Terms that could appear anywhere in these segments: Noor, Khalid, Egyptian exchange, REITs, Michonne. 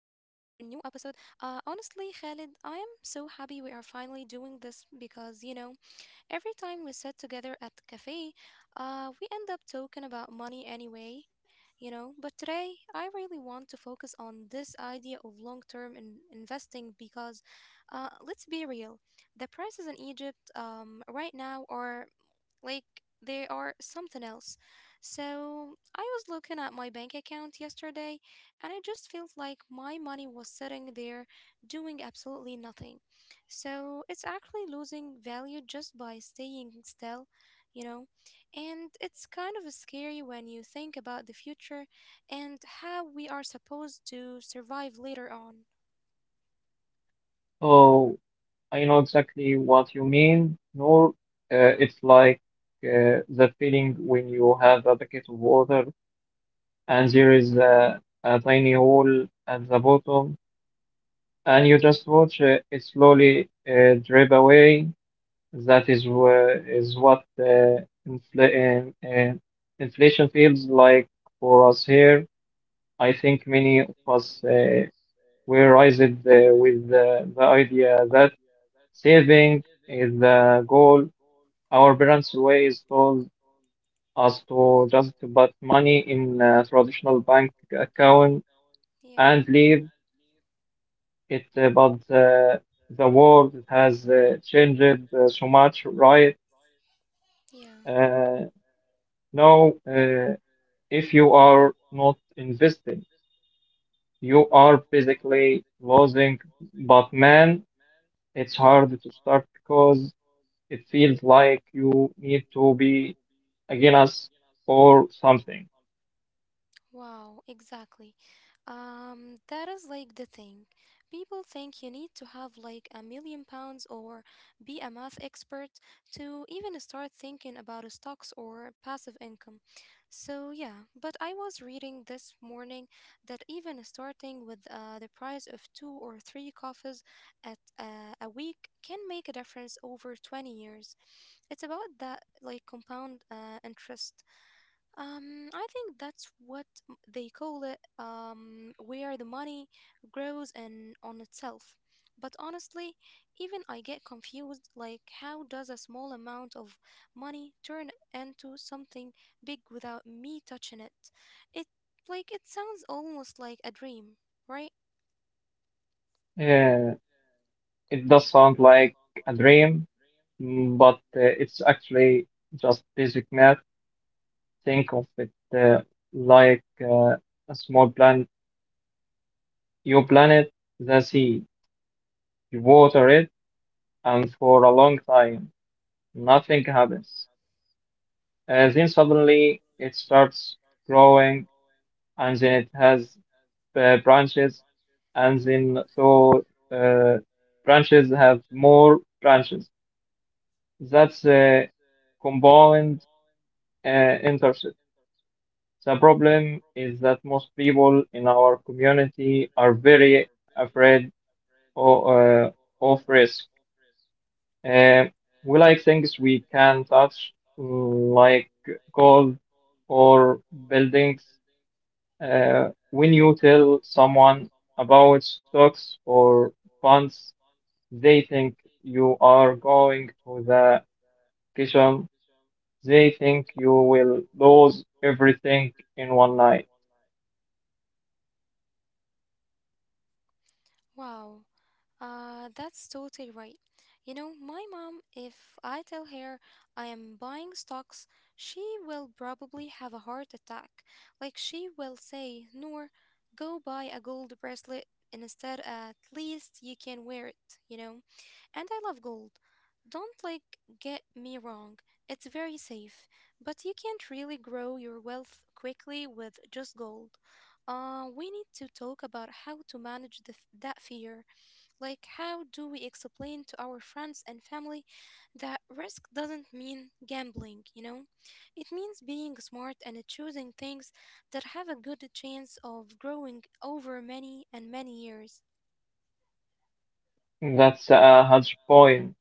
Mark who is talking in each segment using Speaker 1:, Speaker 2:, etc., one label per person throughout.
Speaker 1: episode. Honestly, Khalid, I am so happy we are finally doing this because, you know, every time we sit together at the cafe, we end up talking about money anyway, But today, I really want to focus on this idea of long term investing because, let's be real, the prices in Egypt right now are like they are something else. So I was looking at my bank account yesterday and I just felt like my money was sitting there doing absolutely nothing. So it's actually losing value just by staying still, you know? And it's kind of scary when you think about the future and how we are supposed to survive later on.
Speaker 2: Oh, I know exactly what you mean, Noor. It's like that feeling when you have a bucket of water and there is a tiny hole at the bottom, and you just watch it slowly drip away. That is where is what infl inflation feels like for us here. I think many of us were raised with the idea that. Saving is the goal. Our parents always told us to just put money in a traditional bank account
Speaker 1: Yeah,
Speaker 2: and leave it, but the world has changed so much, right?
Speaker 1: yeah.
Speaker 2: Uh, now, if you are not investing, you are basically losing. But man, it's hard to start because it feels like you need to be against us or something.
Speaker 1: Wow, exactly. That is like the thing. People think you need to have like £1,000,000 or be a math expert to even start thinking about stocks or passive income. So, yeah, but I was reading this morning that even starting with the price of two or three coffees at a week can make a difference over 20 years. It's about that like compound interest. I think that's what they call it, where the money grows and on itself. But honestly, even I get confused, like how does a small amount of money turn into something big without me touching it? It it sounds almost like a dream, right?
Speaker 2: Uh, it does sound like a dream, but it's actually just basic math. Think of it uh, like a small planet, your planet, the sea. You water it, and for a long time, nothing happens. Then suddenly it starts growing, and then it has branches, and then uh, branches have more branches. That's a compound uh, intercept. The problem is that most people in our community are very afraid of, uh, of risk. Uh, we like things we can touch, like gold or buildings. When you tell someone about stocks or funds, they think you are going to the kitchen. They think you will lose everything in one night.
Speaker 1: Wow, that's totally right. You know, my mom, if I tell her I am buying stocks, she will probably have a heart attack. Like, she will say, Noor, go buy a gold bracelet instead, at least you can wear it, you know? And I love gold. Don't like get me wrong, it's very safe, but you can't really grow your wealth quickly with just gold. We need to talk about how to manage that fear. Like, how do we explain to our friends and family that risk doesn't mean gambling, you know? It means being smart and choosing things that have a good chance of growing over many and many years.
Speaker 2: That's a huge point.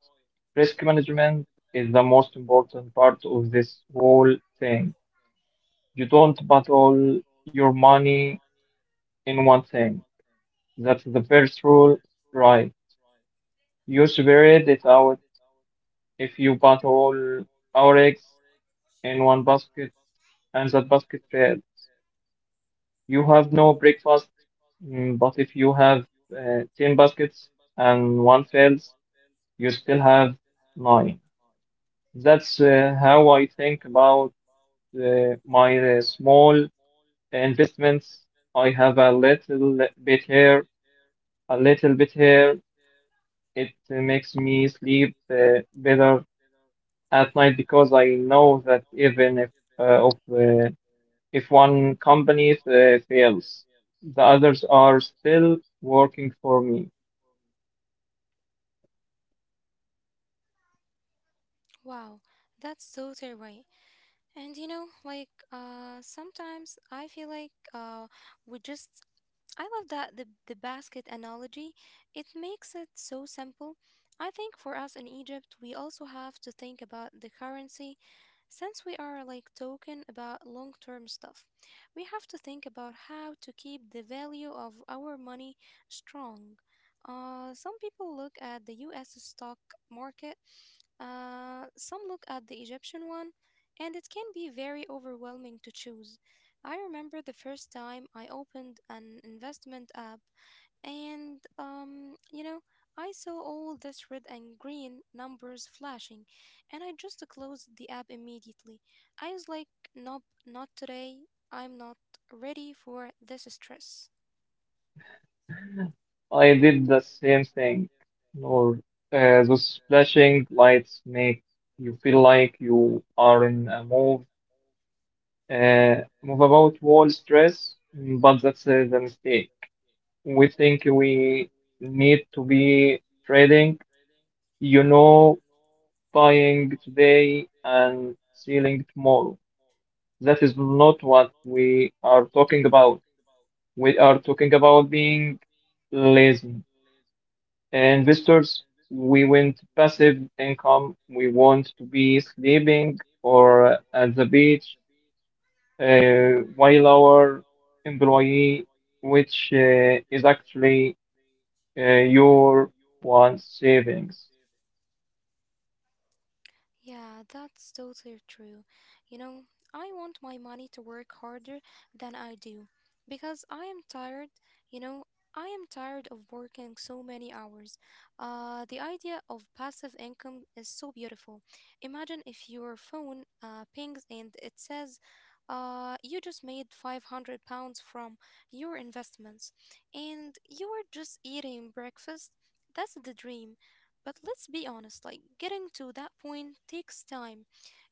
Speaker 2: Risk management is the most important part of this whole thing. You don't put all your money in one thing. That's the first rule, right? You spread it out. If you put all our eggs in one basket and that basket fails, you have no breakfast, but if you have 10 baskets and one fails, you still have nine. That's how I think about my small investments. I have a little bit here, a little bit here. It makes me sleep better at night because I know that even if uh, of uh, If one company fails, the others are still working for me.
Speaker 1: Wow, that's so terrifying. And you know, like sometimes I feel like we just I love that the basket analogy. It makes it so simple. I think for us in Egypt, we also have to think about the currency since we are talking about long-term stuff. We have to think about how to keep the value of our money strong. Some people look at the US stock market, some look at the Egyptian one, and it can be very overwhelming to choose. I remember the first time I opened an investment app, and you know, I saw all this red and green numbers flashing, and I just closed the app immediately. I was like, nope, not today. I'm not ready for this stress.
Speaker 2: I did the same thing. Nor, those flashing lights make you feel like you are in a move about wall stress, but that's the mistake. We think we need to be trading, you know, buying today and selling tomorrow. That is not what we are talking about. We are talking about being lazy investors. We want passive income. We want to be sleeping or at the beach, while our employee, which is actually your one savings.
Speaker 1: Yeah, that's totally true. You know, I want my money to work harder than I do because I am tired, you know, I am tired of working so many hours. The idea of passive income is so beautiful. Imagine if your phone pings and it says, you just made £500 from your investments and you are just eating breakfast. That's the dream. But let's be honest, like getting to that point takes time.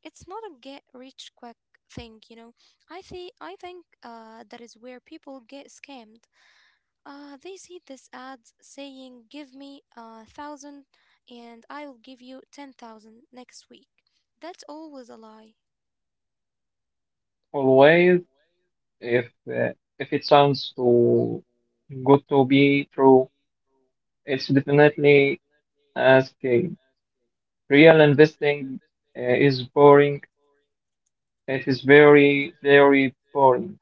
Speaker 1: It's not a get rich quick thing, you know. I think that is where people get scammed. They see this ads saying, "Give me a thousand, and I'll give you 10,000 next week." That's always a lie.
Speaker 2: Always, if uh, if it sounds too good to be true, it's definitely a scam. Real investing is boring. It is very, very boring.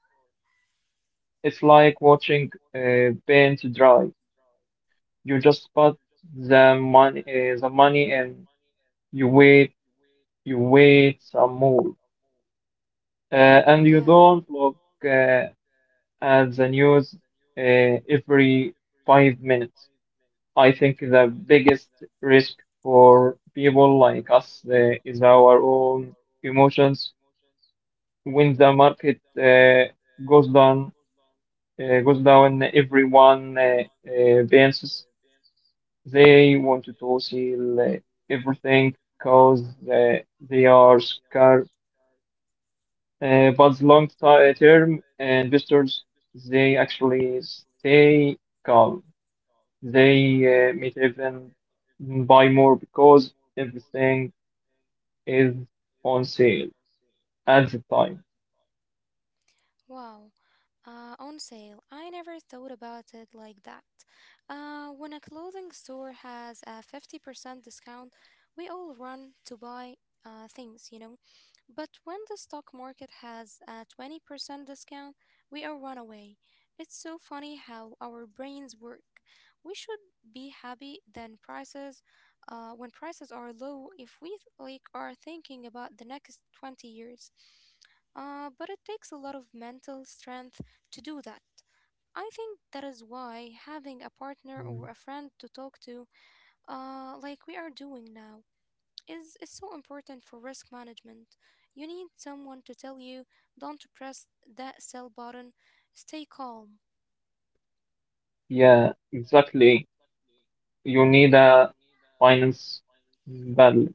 Speaker 2: It's like watching paint dry. You just put the money, and you wait, you wait some more, uh, and you
Speaker 1: Yeah.
Speaker 2: don't look uh, at the news uh, every 5 minutes. I think the biggest risk for people like us is our own emotions when the market goes down goes down, everyone dances. They want to seal everything because uh, they are scared. But long ti- term investors, they actually stay calm. They may even buy more because everything is on sale at the time.
Speaker 1: Wow. On sale. I never thought about it like that. When a clothing store has a 50% discount, we all run to buy things, you know. But when the stock market has a 20% discount, we are runaway. It's so funny how our brains work. We should be happy then prices When prices are low if we are thinking about the next 20 years. But it takes a lot of mental strength to do that. I think that is why having a partner or a
Speaker 2: Mm.
Speaker 1: friend to talk to, like we are doing now, is so important for risk management. You need someone to tell you, don't press that sell button, stay calm.
Speaker 2: Yeah, exactly. You need a finance battle,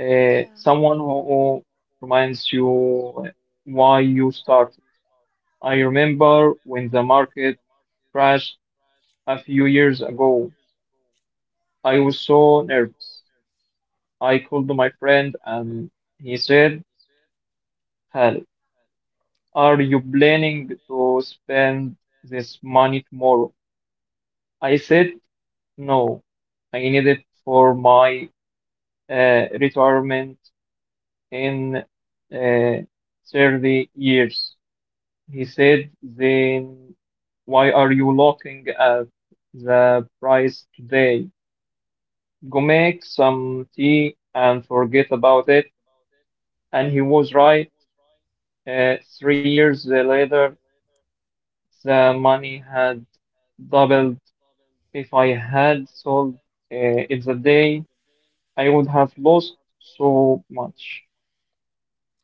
Speaker 2: uh,
Speaker 1: Yeah.
Speaker 2: someone who, who reminds you why you started. I remember when the market crashed a few years ago. I was so nervous. I called my friend and he said, "Hal, are you planning to spend this money tomorrow?" I said, no. I need it for my retirement in uh, 30 years. He said, "Then why are you looking at the price today? Go make some tea and forget about it." And he was right. 3 years later, the money had doubled. If I had sold it the day, I would have lost so much.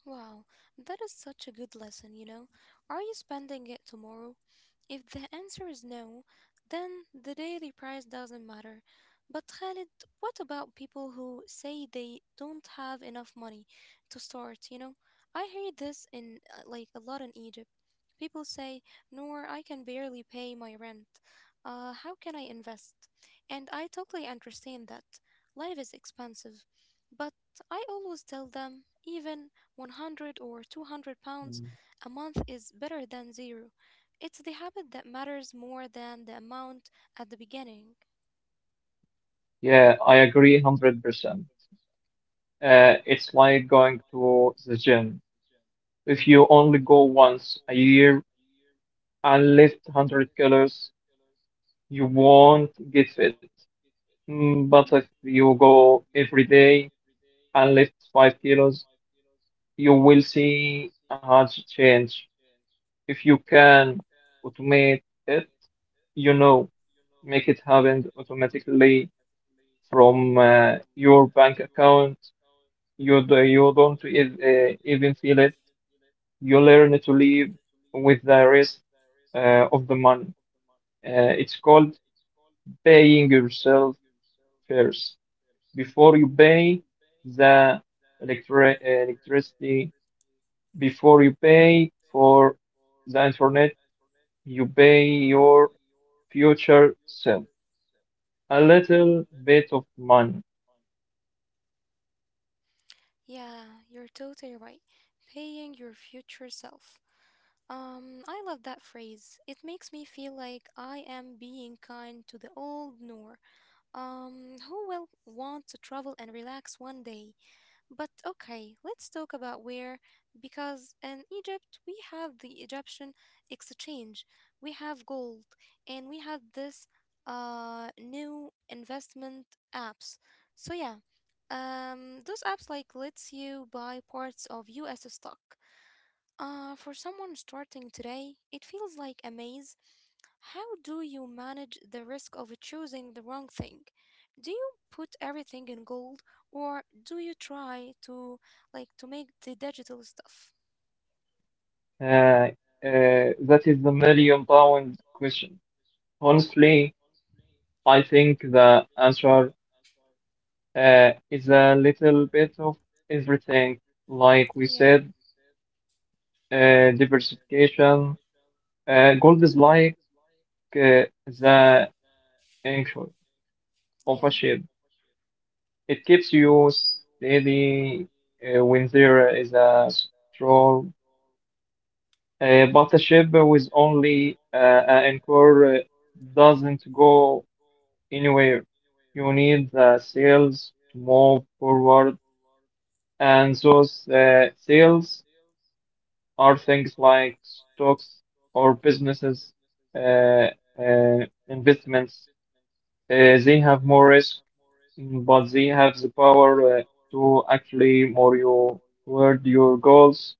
Speaker 1: Wow, that is such a good lesson, you know. Are you spending it tomorrow? If the answer is no, then the daily price doesn't matter. But Khalid, what about people who say they don't have enough money to start, you know? I hear this in like a lot in Egypt. People say, "Noor, I can barely pay my rent. How can I invest?" And I totally understand that. Life is expensive. But I always tell them, even 100 or £200
Speaker 2: Mm.
Speaker 1: a month is better than zero. It's the habit that matters more than the amount at the beginning.
Speaker 2: Yeah, I agree 100%. It's like going to the gym: if you only go once a year, unless 100 colors, you won't get it. But if you go every day and lift 5 kilos, you will see a huge change. If you can automate it, you know, make it happen automatically from your bank account, you don't even feel it. You learn to live with the rest of the money. It's called paying yourself first: before you pay the electricity, before you pay for the internet, you pay your future self a little bit of money.
Speaker 1: Yeah, you're totally right. Paying your future self. I love that phrase. It makes me feel like I am being kind to the old Noor, who will want to travel and relax one day. But okay, let's talk about where, because in Egypt we have the Egyptian exchange, we have gold, and we have this new investment apps. So yeah, those apps like lets you buy parts of U.S. stock. For someone starting today, it feels like a maze. How do you manage the risk of choosing the wrong thing? Do you put everything in gold or do you try to to make the digital stuff?
Speaker 2: Uh, that is the million pound question. Honestly, I think the answer is a little bit of everything. Like we
Speaker 1: Yeah,
Speaker 2: said, diversification. Gold is like uh, the anchor of a
Speaker 1: yeah.
Speaker 2: ship. It keeps you steady when there is a storm. But a ship with only an anchor doesn't go anywhere. You need the sails to move forward, and those sails are things like stocks or businesses, uh, uh, investments. They have more risk, but they have the power to actually more you toward your goals.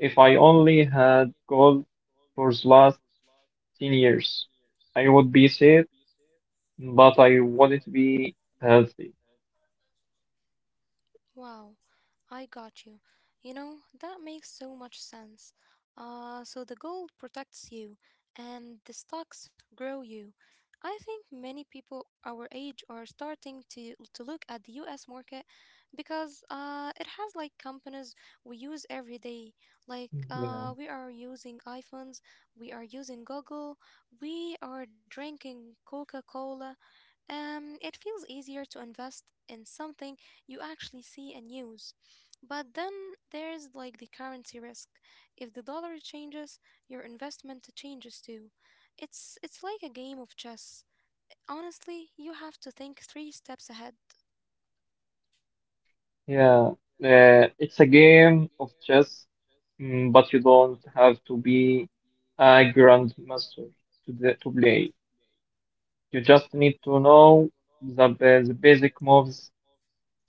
Speaker 2: If I only had gold for the last 10 years, I would be safe, but I wouldn't be healthy.
Speaker 1: Wow. I got you. You know, that makes so much sense. So the gold protects you, and the stocks grow you. I think many people our age are starting to look at the U.S. market because it has like companies we use every day. Like
Speaker 2: Yeah.
Speaker 1: we are using iPhones, we are using Google, we are drinking Coca-Cola. It feels easier to invest in something you actually see and use. But then there's like the currency risk. If the dollar changes, your investment changes too. It's like a game of chess. Honestly, you have to think three steps ahead.
Speaker 2: Yeah. It's a game of chess, but you don't have to be a grandmaster to play. You just need to know the basic moves.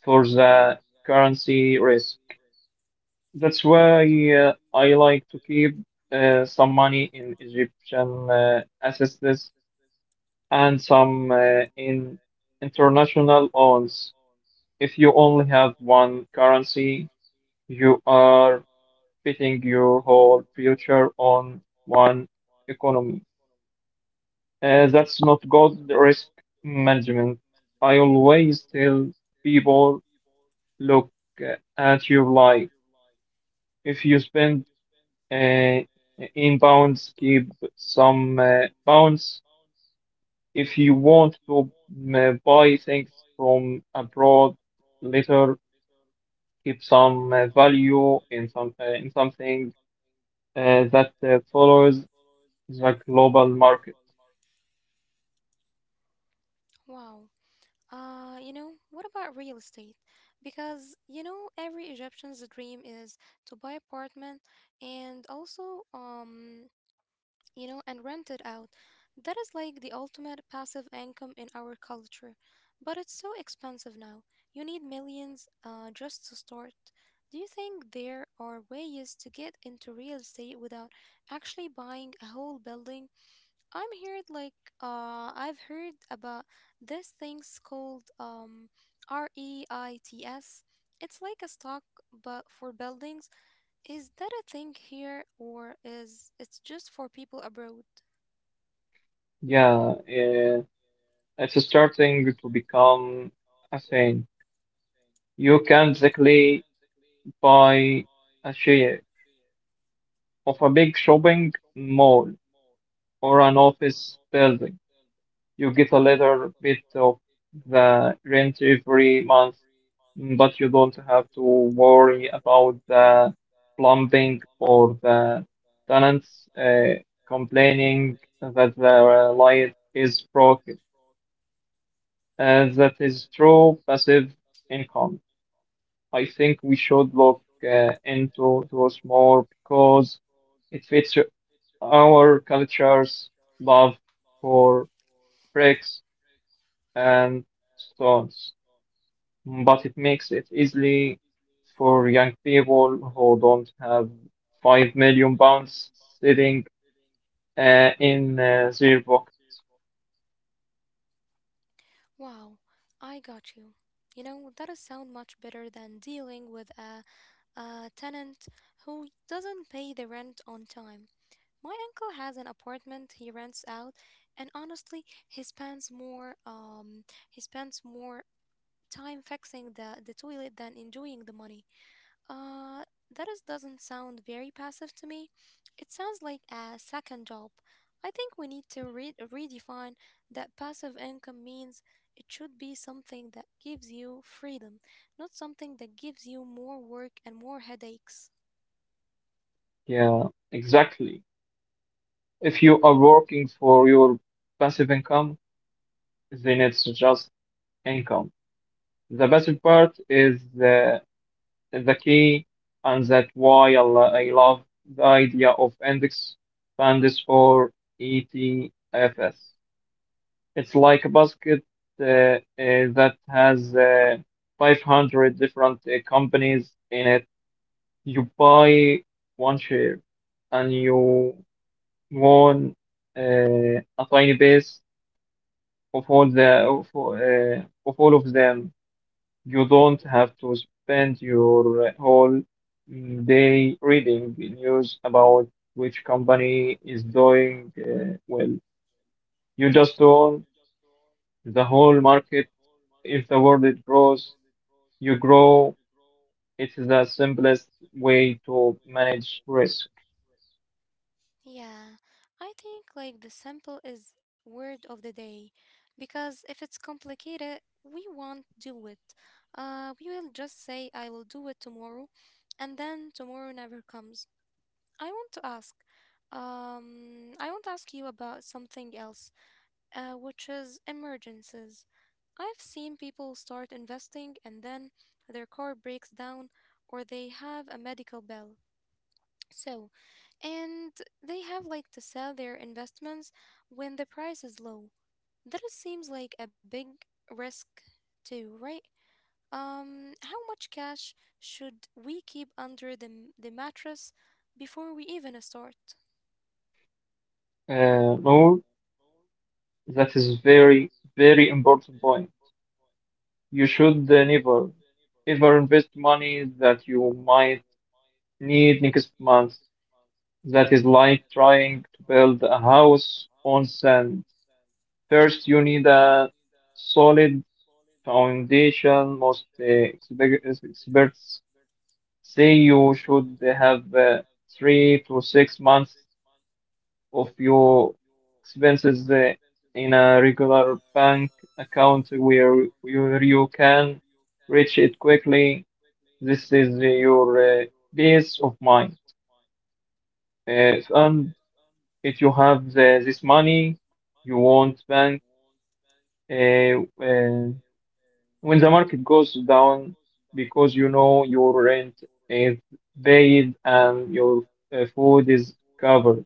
Speaker 2: For the currency risk, that's why I like to keep some money in Egyptian assets and some in international loans. If you only have one currency, you are betting your whole future on one economy. That's not good risk management. I always tell people, look at your life. If you spend uh, inbounds, keep some bounds. If you want to buy things from abroad later, keep some value in something that follows the global market.
Speaker 1: Wow. You know, what about real estate? Because you know, every Egyptian's dream is to buy apartment and also and rent it out. That is like the ultimate passive income in our culture. But it's so expensive now. You need millions just to start. Do you think there are ways to get into real estate without actually buying a whole building? I'm here like I've heard about this things called REITs. It's like a stock but for buildings. Is that a thing here or is it's just for people abroad?
Speaker 2: Yeah, it's starting to become a thing. You can basically buy a share of a big shopping mall or an office building. You get a little bit of the rent every month, but you don't have to worry about the plumbing or the tenants uh, complaining that the light is broken. That is true passive income. I think we should look into those more because it fits our culture's love for bricks and stones, but it makes it easily for young people who don't have 5 million pounds sitting in their pocket.
Speaker 1: Wow, I got you. You know, that is sound much better than dealing with a tenant who doesn't pay the rent on time. My uncle has an apartment he rents out, and honestly, he spends more time fixing the toilet than enjoying the money. Uh, doesn't sound very passive to me. It sounds like a second job. I think we need to redefine that passive income means it should be something that gives you freedom, not something that gives you more work and more headaches.
Speaker 2: Yeah, exactly. If you are working for your passive income, then it's just income. The passive part is the key, and that's why I love the idea of index funds or ETFs. It's like a basket that has 500 different companies in it. You buy one share and you won a tiny piece of all of them. You don't have to spend your whole day reading the news about which company is doing well. You just own the whole market. If the world grows, you grow. It is the simplest way to manage risk.
Speaker 1: Yeah, I think like the simple is word of the day because if it's complicated, we won't do it. We will just say, I will do it tomorrow, and then tomorrow never comes. I want to ask, you about something else, which is emergencies. I've seen people start investing and then their car breaks down or they have a medical bill. So, and they have like to sell their investments when the price is low. That it seems like a big risk too, right? How much cash should we keep under the mattress before we even start?
Speaker 2: Noor, that is very, very important point. You should never, ever invest money that you might need next month. That is like trying to build a house on sand. First, you need a solid foundation. Most experts say you should have 3 to 6 months of your expenses in a regular bank account where you can reach it quickly. This is your peace of mind. And if you have this money, you won't bank uh, uh, when the market goes down because you know your rent is paid and your food is covered.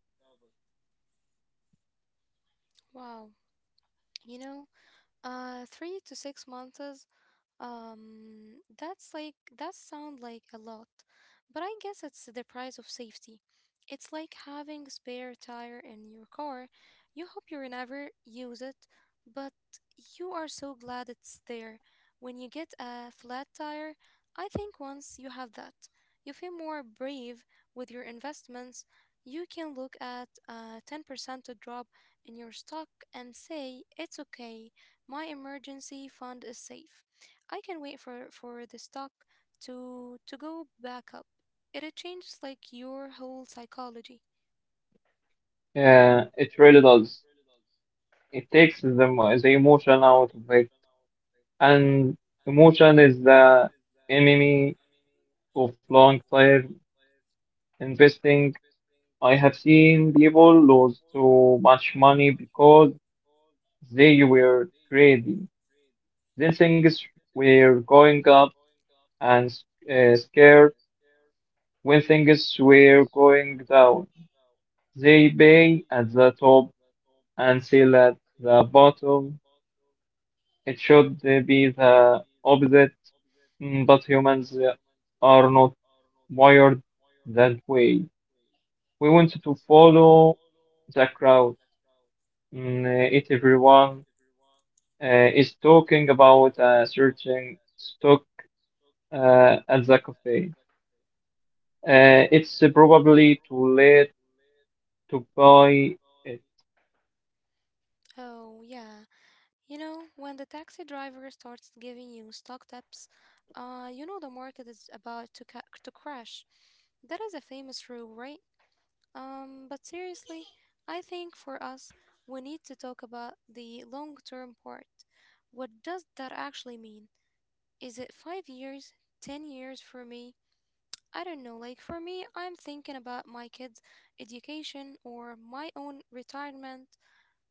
Speaker 1: Wow. You know, 3 to 6 months, that sound like a lot, but I guess it's the price of safety. It's like having a spare tire in your car. You hope you never use it, but you are so glad it's there. When you get a flat tire, I think once you have that, you feel more brave with your investments. You can look at a 10% drop in your stock and say, it's okay, my emergency fund is safe. I can wait for the stock to go back up. It changes like your whole psychology.
Speaker 2: It really does. It takes the emotion out of it, and emotion is the enemy of long-term investing. I have seen people lose so much money because they were greedy Then things were going up, and scared when things were going down. They buy at the top and sell at the bottom. It should be the opposite, but humans are not wired that way. We want to follow the crowd. If everyone is talking about a certain stock at the cafe, it's probably too late to buy it.
Speaker 1: Oh yeah, you know when the taxi driver starts giving you stock tips, you know the market is about to to crash. That is a famous rule, right? But seriously, I think for us, we need to talk about the long term part. What does that actually mean? Is it 5 years, 10 years for me? I don't know, like for me, I'm thinking about my kids' education or my own retirement.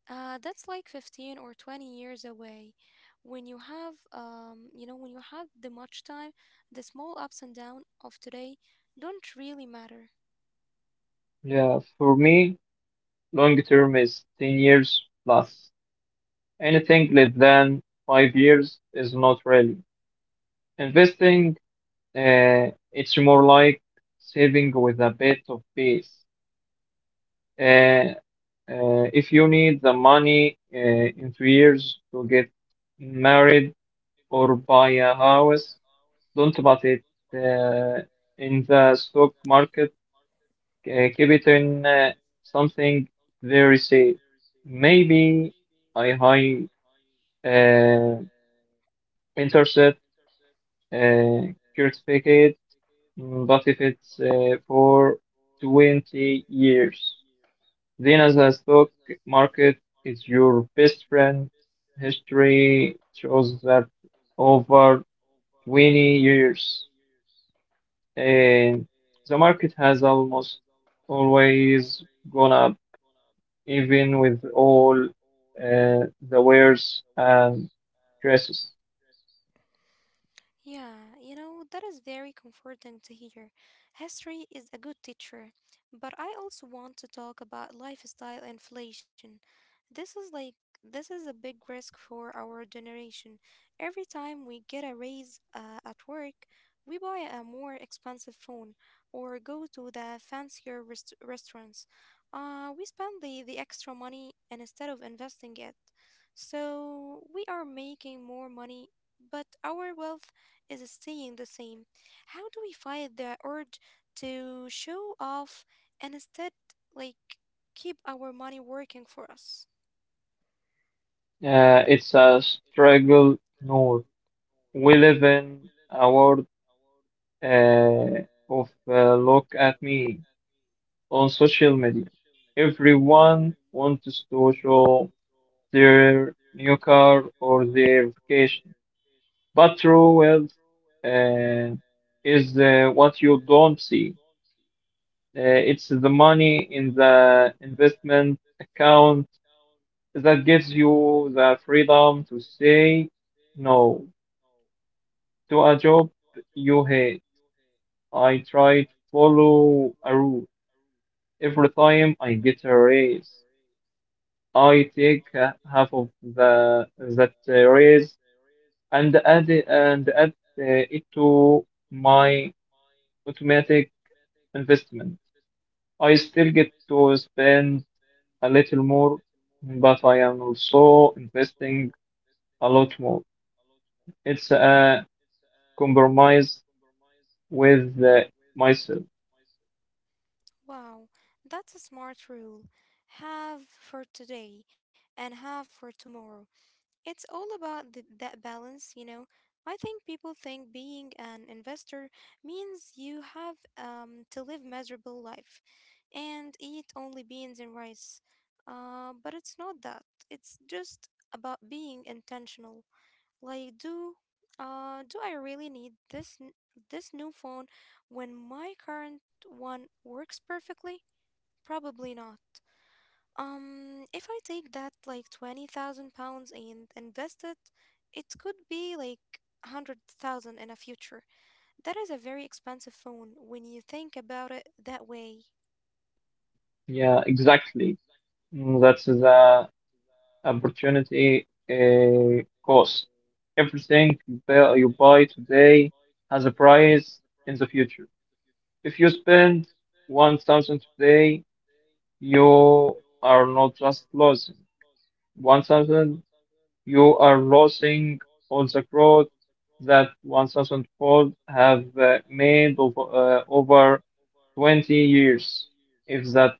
Speaker 1: That's like 15 or 20 years away. When you have, when you have the much time, the small ups and downs of today don't really matter.
Speaker 2: Yeah, for me long term is 10 years plus. Anything less than 5 years is not really investing, uh, it's more like saving with a bit of base. Uh, if you need the money in 2 years to get married or buy a house, don't put it uh, in the stock market. Keep it in something very safe. Maybe a high uh, interest certificate. But if it's for 20 years, then as the stock market is your best friend. History shows that over 20 years, and the market has almost always gone up, even with all uh, the wares and dresses.
Speaker 1: Yeah, you know, that is very comforting to hear. History is a good teacher, but I also want to talk about lifestyle inflation. This is like this is a big risk for our generation. Every time we get a raise at work, we buy a more expensive phone or go to the fancier restaurants. We spend the extra money instead of investing it. So we are making more money but our wealth is staying the same. How do we fight the urge to show off and instead, like, keep our money working for us?
Speaker 2: It's a struggle, Noor. We live in a world uh, of look at me on social media. Everyone wants to show their new car or their vacation, but true wealth uh, is what you don't see. Uh, it's the money in the investment account that gives you the freedom to say no to a job you hate. I try to follow a rule every time I get a raise. I take half of the that raise and add it to my automatic investment. I still get to spend a little more, but I am also investing a lot more. It's a compromise with myself.
Speaker 1: Wow, that's a smart rule. Have for today and have for tomorrow. It's all about that balance, you know. I think people think being an investor means you have to live miserable life and eat only beans and rice. But it's not that. It's just about being intentional. Like, do I really need this new phone when my current one works perfectly? Probably not. If I take that like 20,000 pounds and invest it, it could be like 100,000 in a future. That is a very expensive phone when you think about it that way.
Speaker 2: Yeah, exactly. That's the opportunity cost. Everything you buy today has a price in the future. If you spend 1,000 today, you are not just losing 1,000, you are losing all the growth that 1,000 fold have made over 20 years. If that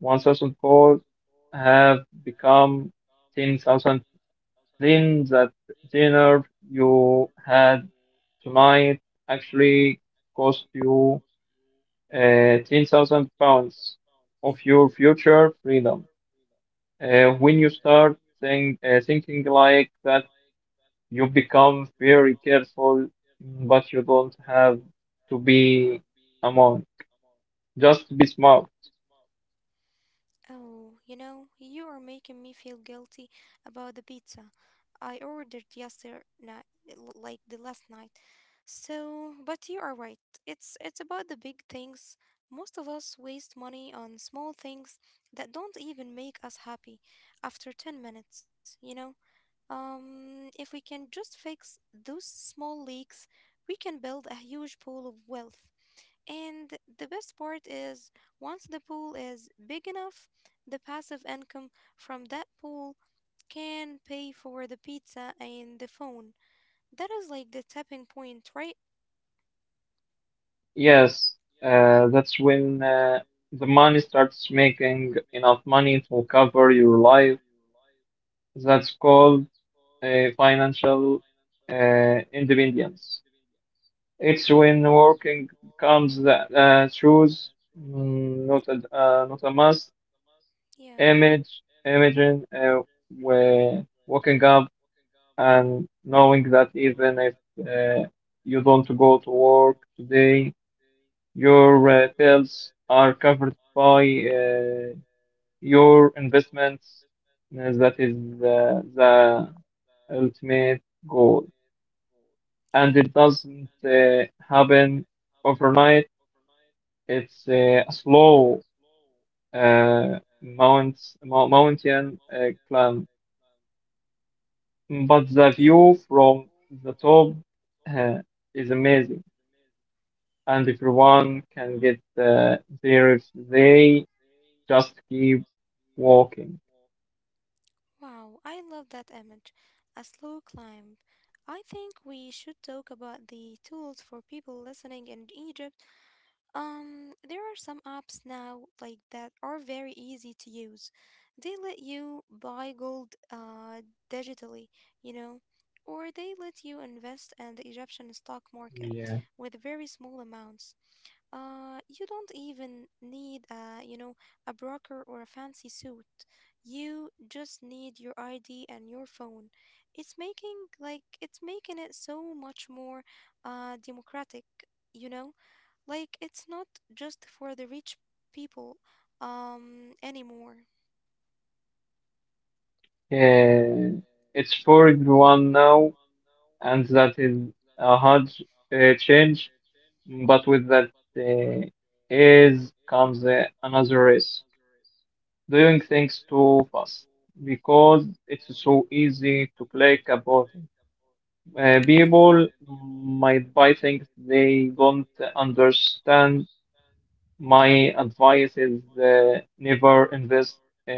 Speaker 2: 1,000 fold have become 10,000, then that dinner you had tonight actually cost you 10,000 pounds of your future freedom. When you start thinking like that, you become very careful, but you don't have to be a monk. Just be smart.
Speaker 1: Oh, you know, you are making me feel guilty about the pizza I ordered yesterday, like the last night. So, but you are right. It's about the big things. Most of us waste money on small things that don't even make us happy after 10 minutes, you know? If we can just fix those small leaks, we can build a huge pool of wealth. And the best part is, once the pool is big enough, the passive income from that pool can pay for the pizza and the phone. That is like the tapping point, right?
Speaker 2: Yes, that's when the money starts making enough money to cover your life. That's called financial independence. It's when working becomes the choose, not a must.
Speaker 1: Yeah,
Speaker 2: Image, imagine where waking up and knowing that even if uh, you don't go to work today, your bills are covered by your investments. That is the ultimate goal.
Speaker 1: yeah,
Speaker 2: And it doesn't happen overnight. It's a slow uh, mount, mountain climb, but the view
Speaker 1: yeah.
Speaker 2: from the top uh, is amazing, and everyone can get there if they just keep walking.
Speaker 1: Wow, I love that image. A slow climb. I think we should talk about the tools for people listening in Egypt. There are some apps now like that are very easy to use. They let you buy gold digitally, you know, or they let you invest in the Egyptian stock market
Speaker 2: Yeah.
Speaker 1: with very small amounts. You don't even need a, you know, a broker or a fancy suit. You just need your ID and your phone. It's making it so much more democratic, you know? Like it's not just for the rich people anymore.
Speaker 2: Uh, it's for everyone now, and that is a hard change. But with that uh, is comes another risk: doing things too fast, because it's so easy to click a button.
Speaker 1: Yeah,
Speaker 2: People might buy things they don't understand. My advice is never invest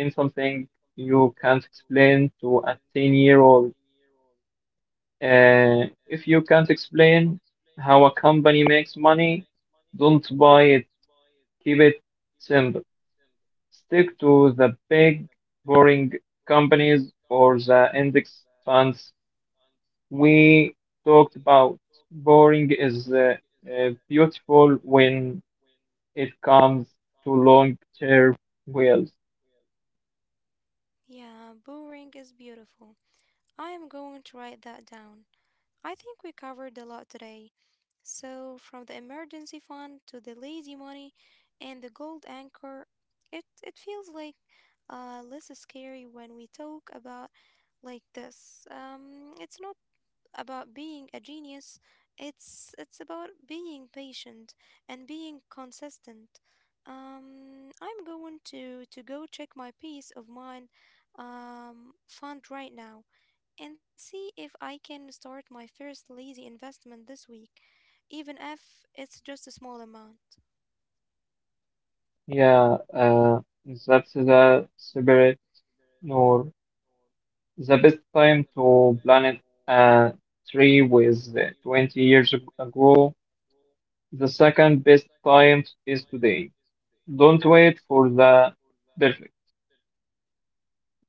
Speaker 2: in something you can't explain to a 10-year-old. If you can't explain how a company makes money, don't buy it. Keep it simple. Stick to the big boring companies or the index funds we talked about. Boring is beautiful when it comes to long-term wealth.
Speaker 1: yeah, boring is beautiful. I am going to write that down. I think we covered a lot today. So, from the emergency fund to the lazy money and the gold anchor, it feels like less scary when we talk about like this. It's not about being a genius. It's about being patient and being consistent. I'm going to go check my peace of mind fund right now and see if I can start my first lazy investment this week, even if it's just a small amount.
Speaker 2: Yeah, that's the spirit, nor. The best time to plant a tree was ago. The second best time is today. Don't wait for the perfect.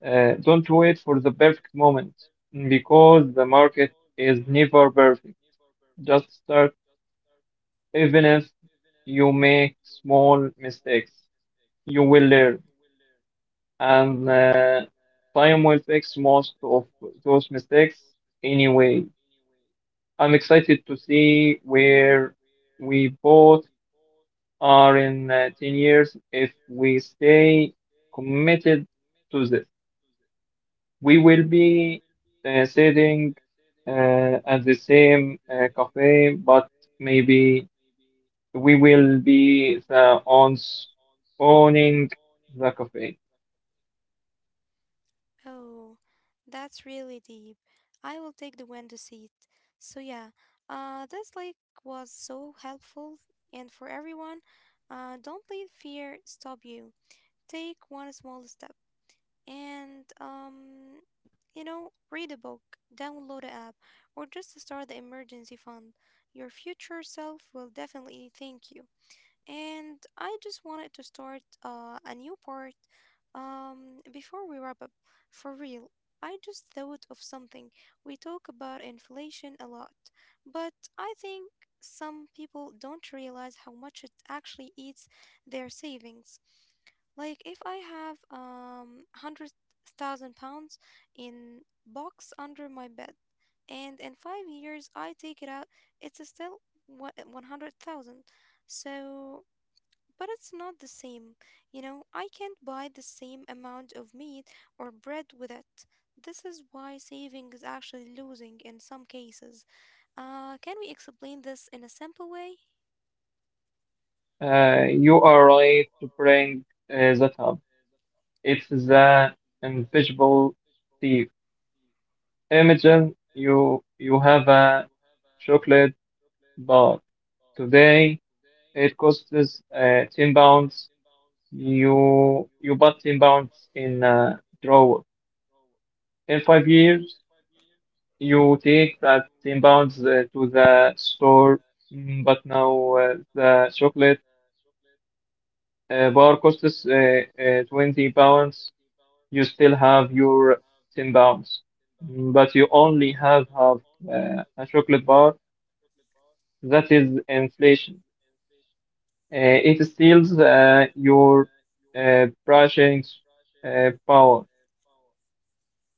Speaker 2: Don't wait for the perfect moment, because the market is never perfect. Just start. Even if you make small mistakes, you will
Speaker 1: Yeah.
Speaker 2: learn, and time will fix most of those mistakes anyway. I'm excited to see where we both are in 10 years if we stay committed to this. We will be sitting at the same cafe, but maybe we will be the ones owning the cafe.
Speaker 1: Oh, that's really deep. I will take the window seat. So yeah, this like was so helpful, and for everyone, don't let fear stop you. Take one small step, and you know, read a book, download an app, or just start the emergency fund. Your future self will definitely thank you. And I just wanted to start a new part. Before we wrap up, for real, I just thought of something. We talk about inflation a lot, but I think some people don't realize how much it actually eats their savings. Like if I have 100,000 pounds in box under my bed, and in 5 years I take it out, it's still 100,000. So but it's not the same. You know, I can't buy the same amount of meat or bread with it. This is why saving is actually losing in some cases. Can we explain this in a simple way?
Speaker 2: You are right to bring that up. It's the invisible thief. Imagine you have a chocolate bar today. It costs £10. You bought £10 in a drawer. In 5 years, you take that £10 to the store, but now the chocolate bar costs £20. You still have your £10, but you only have a chocolate bar. That is inflation. It steals your pricing power.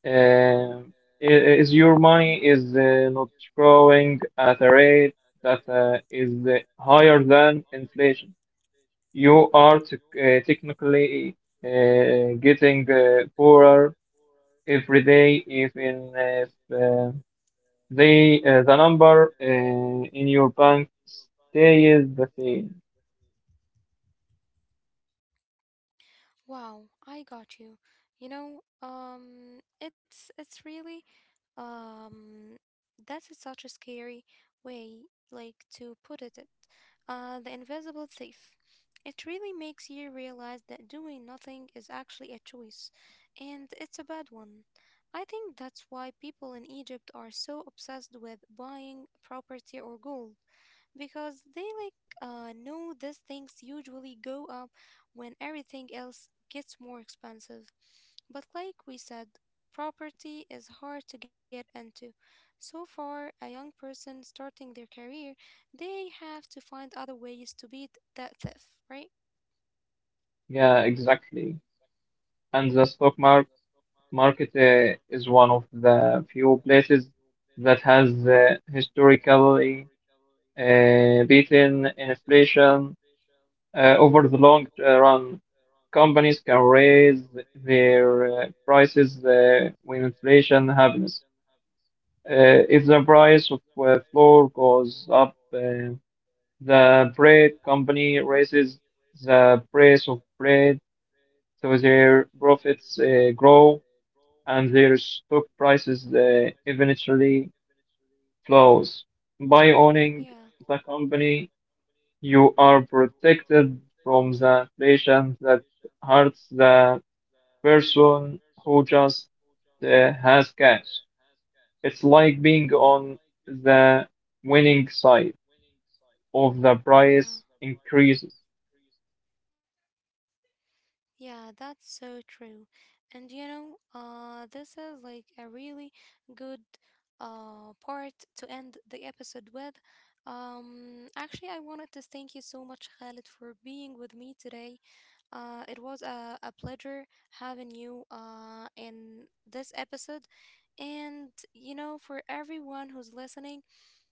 Speaker 2: Um, is your money is not growing at a rate that is higher than inflation, you are technically getting poorer every day, even if the number in your bank stays the same.
Speaker 1: Wow, I got you. You know, it's really Um, that's such a scary way, like, to put it. The invisible thief. It really makes you realize that doing nothing is actually a choice, and it's a bad one. I think that's why people in Egypt are so obsessed with buying property or gold, because they know these things usually go up when everything else gets more expensive. But like we said, property is hard to get into. So, for a young person starting their career, they have to find other ways to beat that theft, right?
Speaker 2: Yeah, exactly. And the stock market is one of the few places that has historically beaten inflation over the long run. Companies can raise their prices when inflation happens. If the price of flour goes up, the bread company raises the price of bread, so their profits grow, and their stock prices eventually flows. By owning
Speaker 1: Yeah,
Speaker 2: the company, you are protected from the inflation that hurts the person who just has cash. It's like being on the winning side of the
Speaker 1: yeah.
Speaker 2: price increases.
Speaker 1: Yeah, that's so true. And you know, this is like a really good part to end the episode with. Actually, I wanted to thank you so much, Khalid, for being with me today. It was a pleasure having you in this episode. And, you know, for everyone who's listening,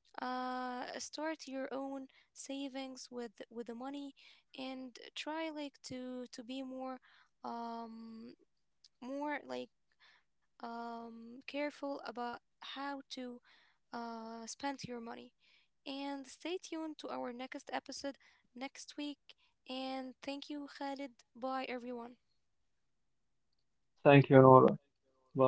Speaker 1: start your own savings with the money and try like to be more, um, more like, careful about how to spend your money. And stay tuned to our next episode next week. And thank you, Khalid. Bye, everyone.
Speaker 2: Thank you, Nora. Bye.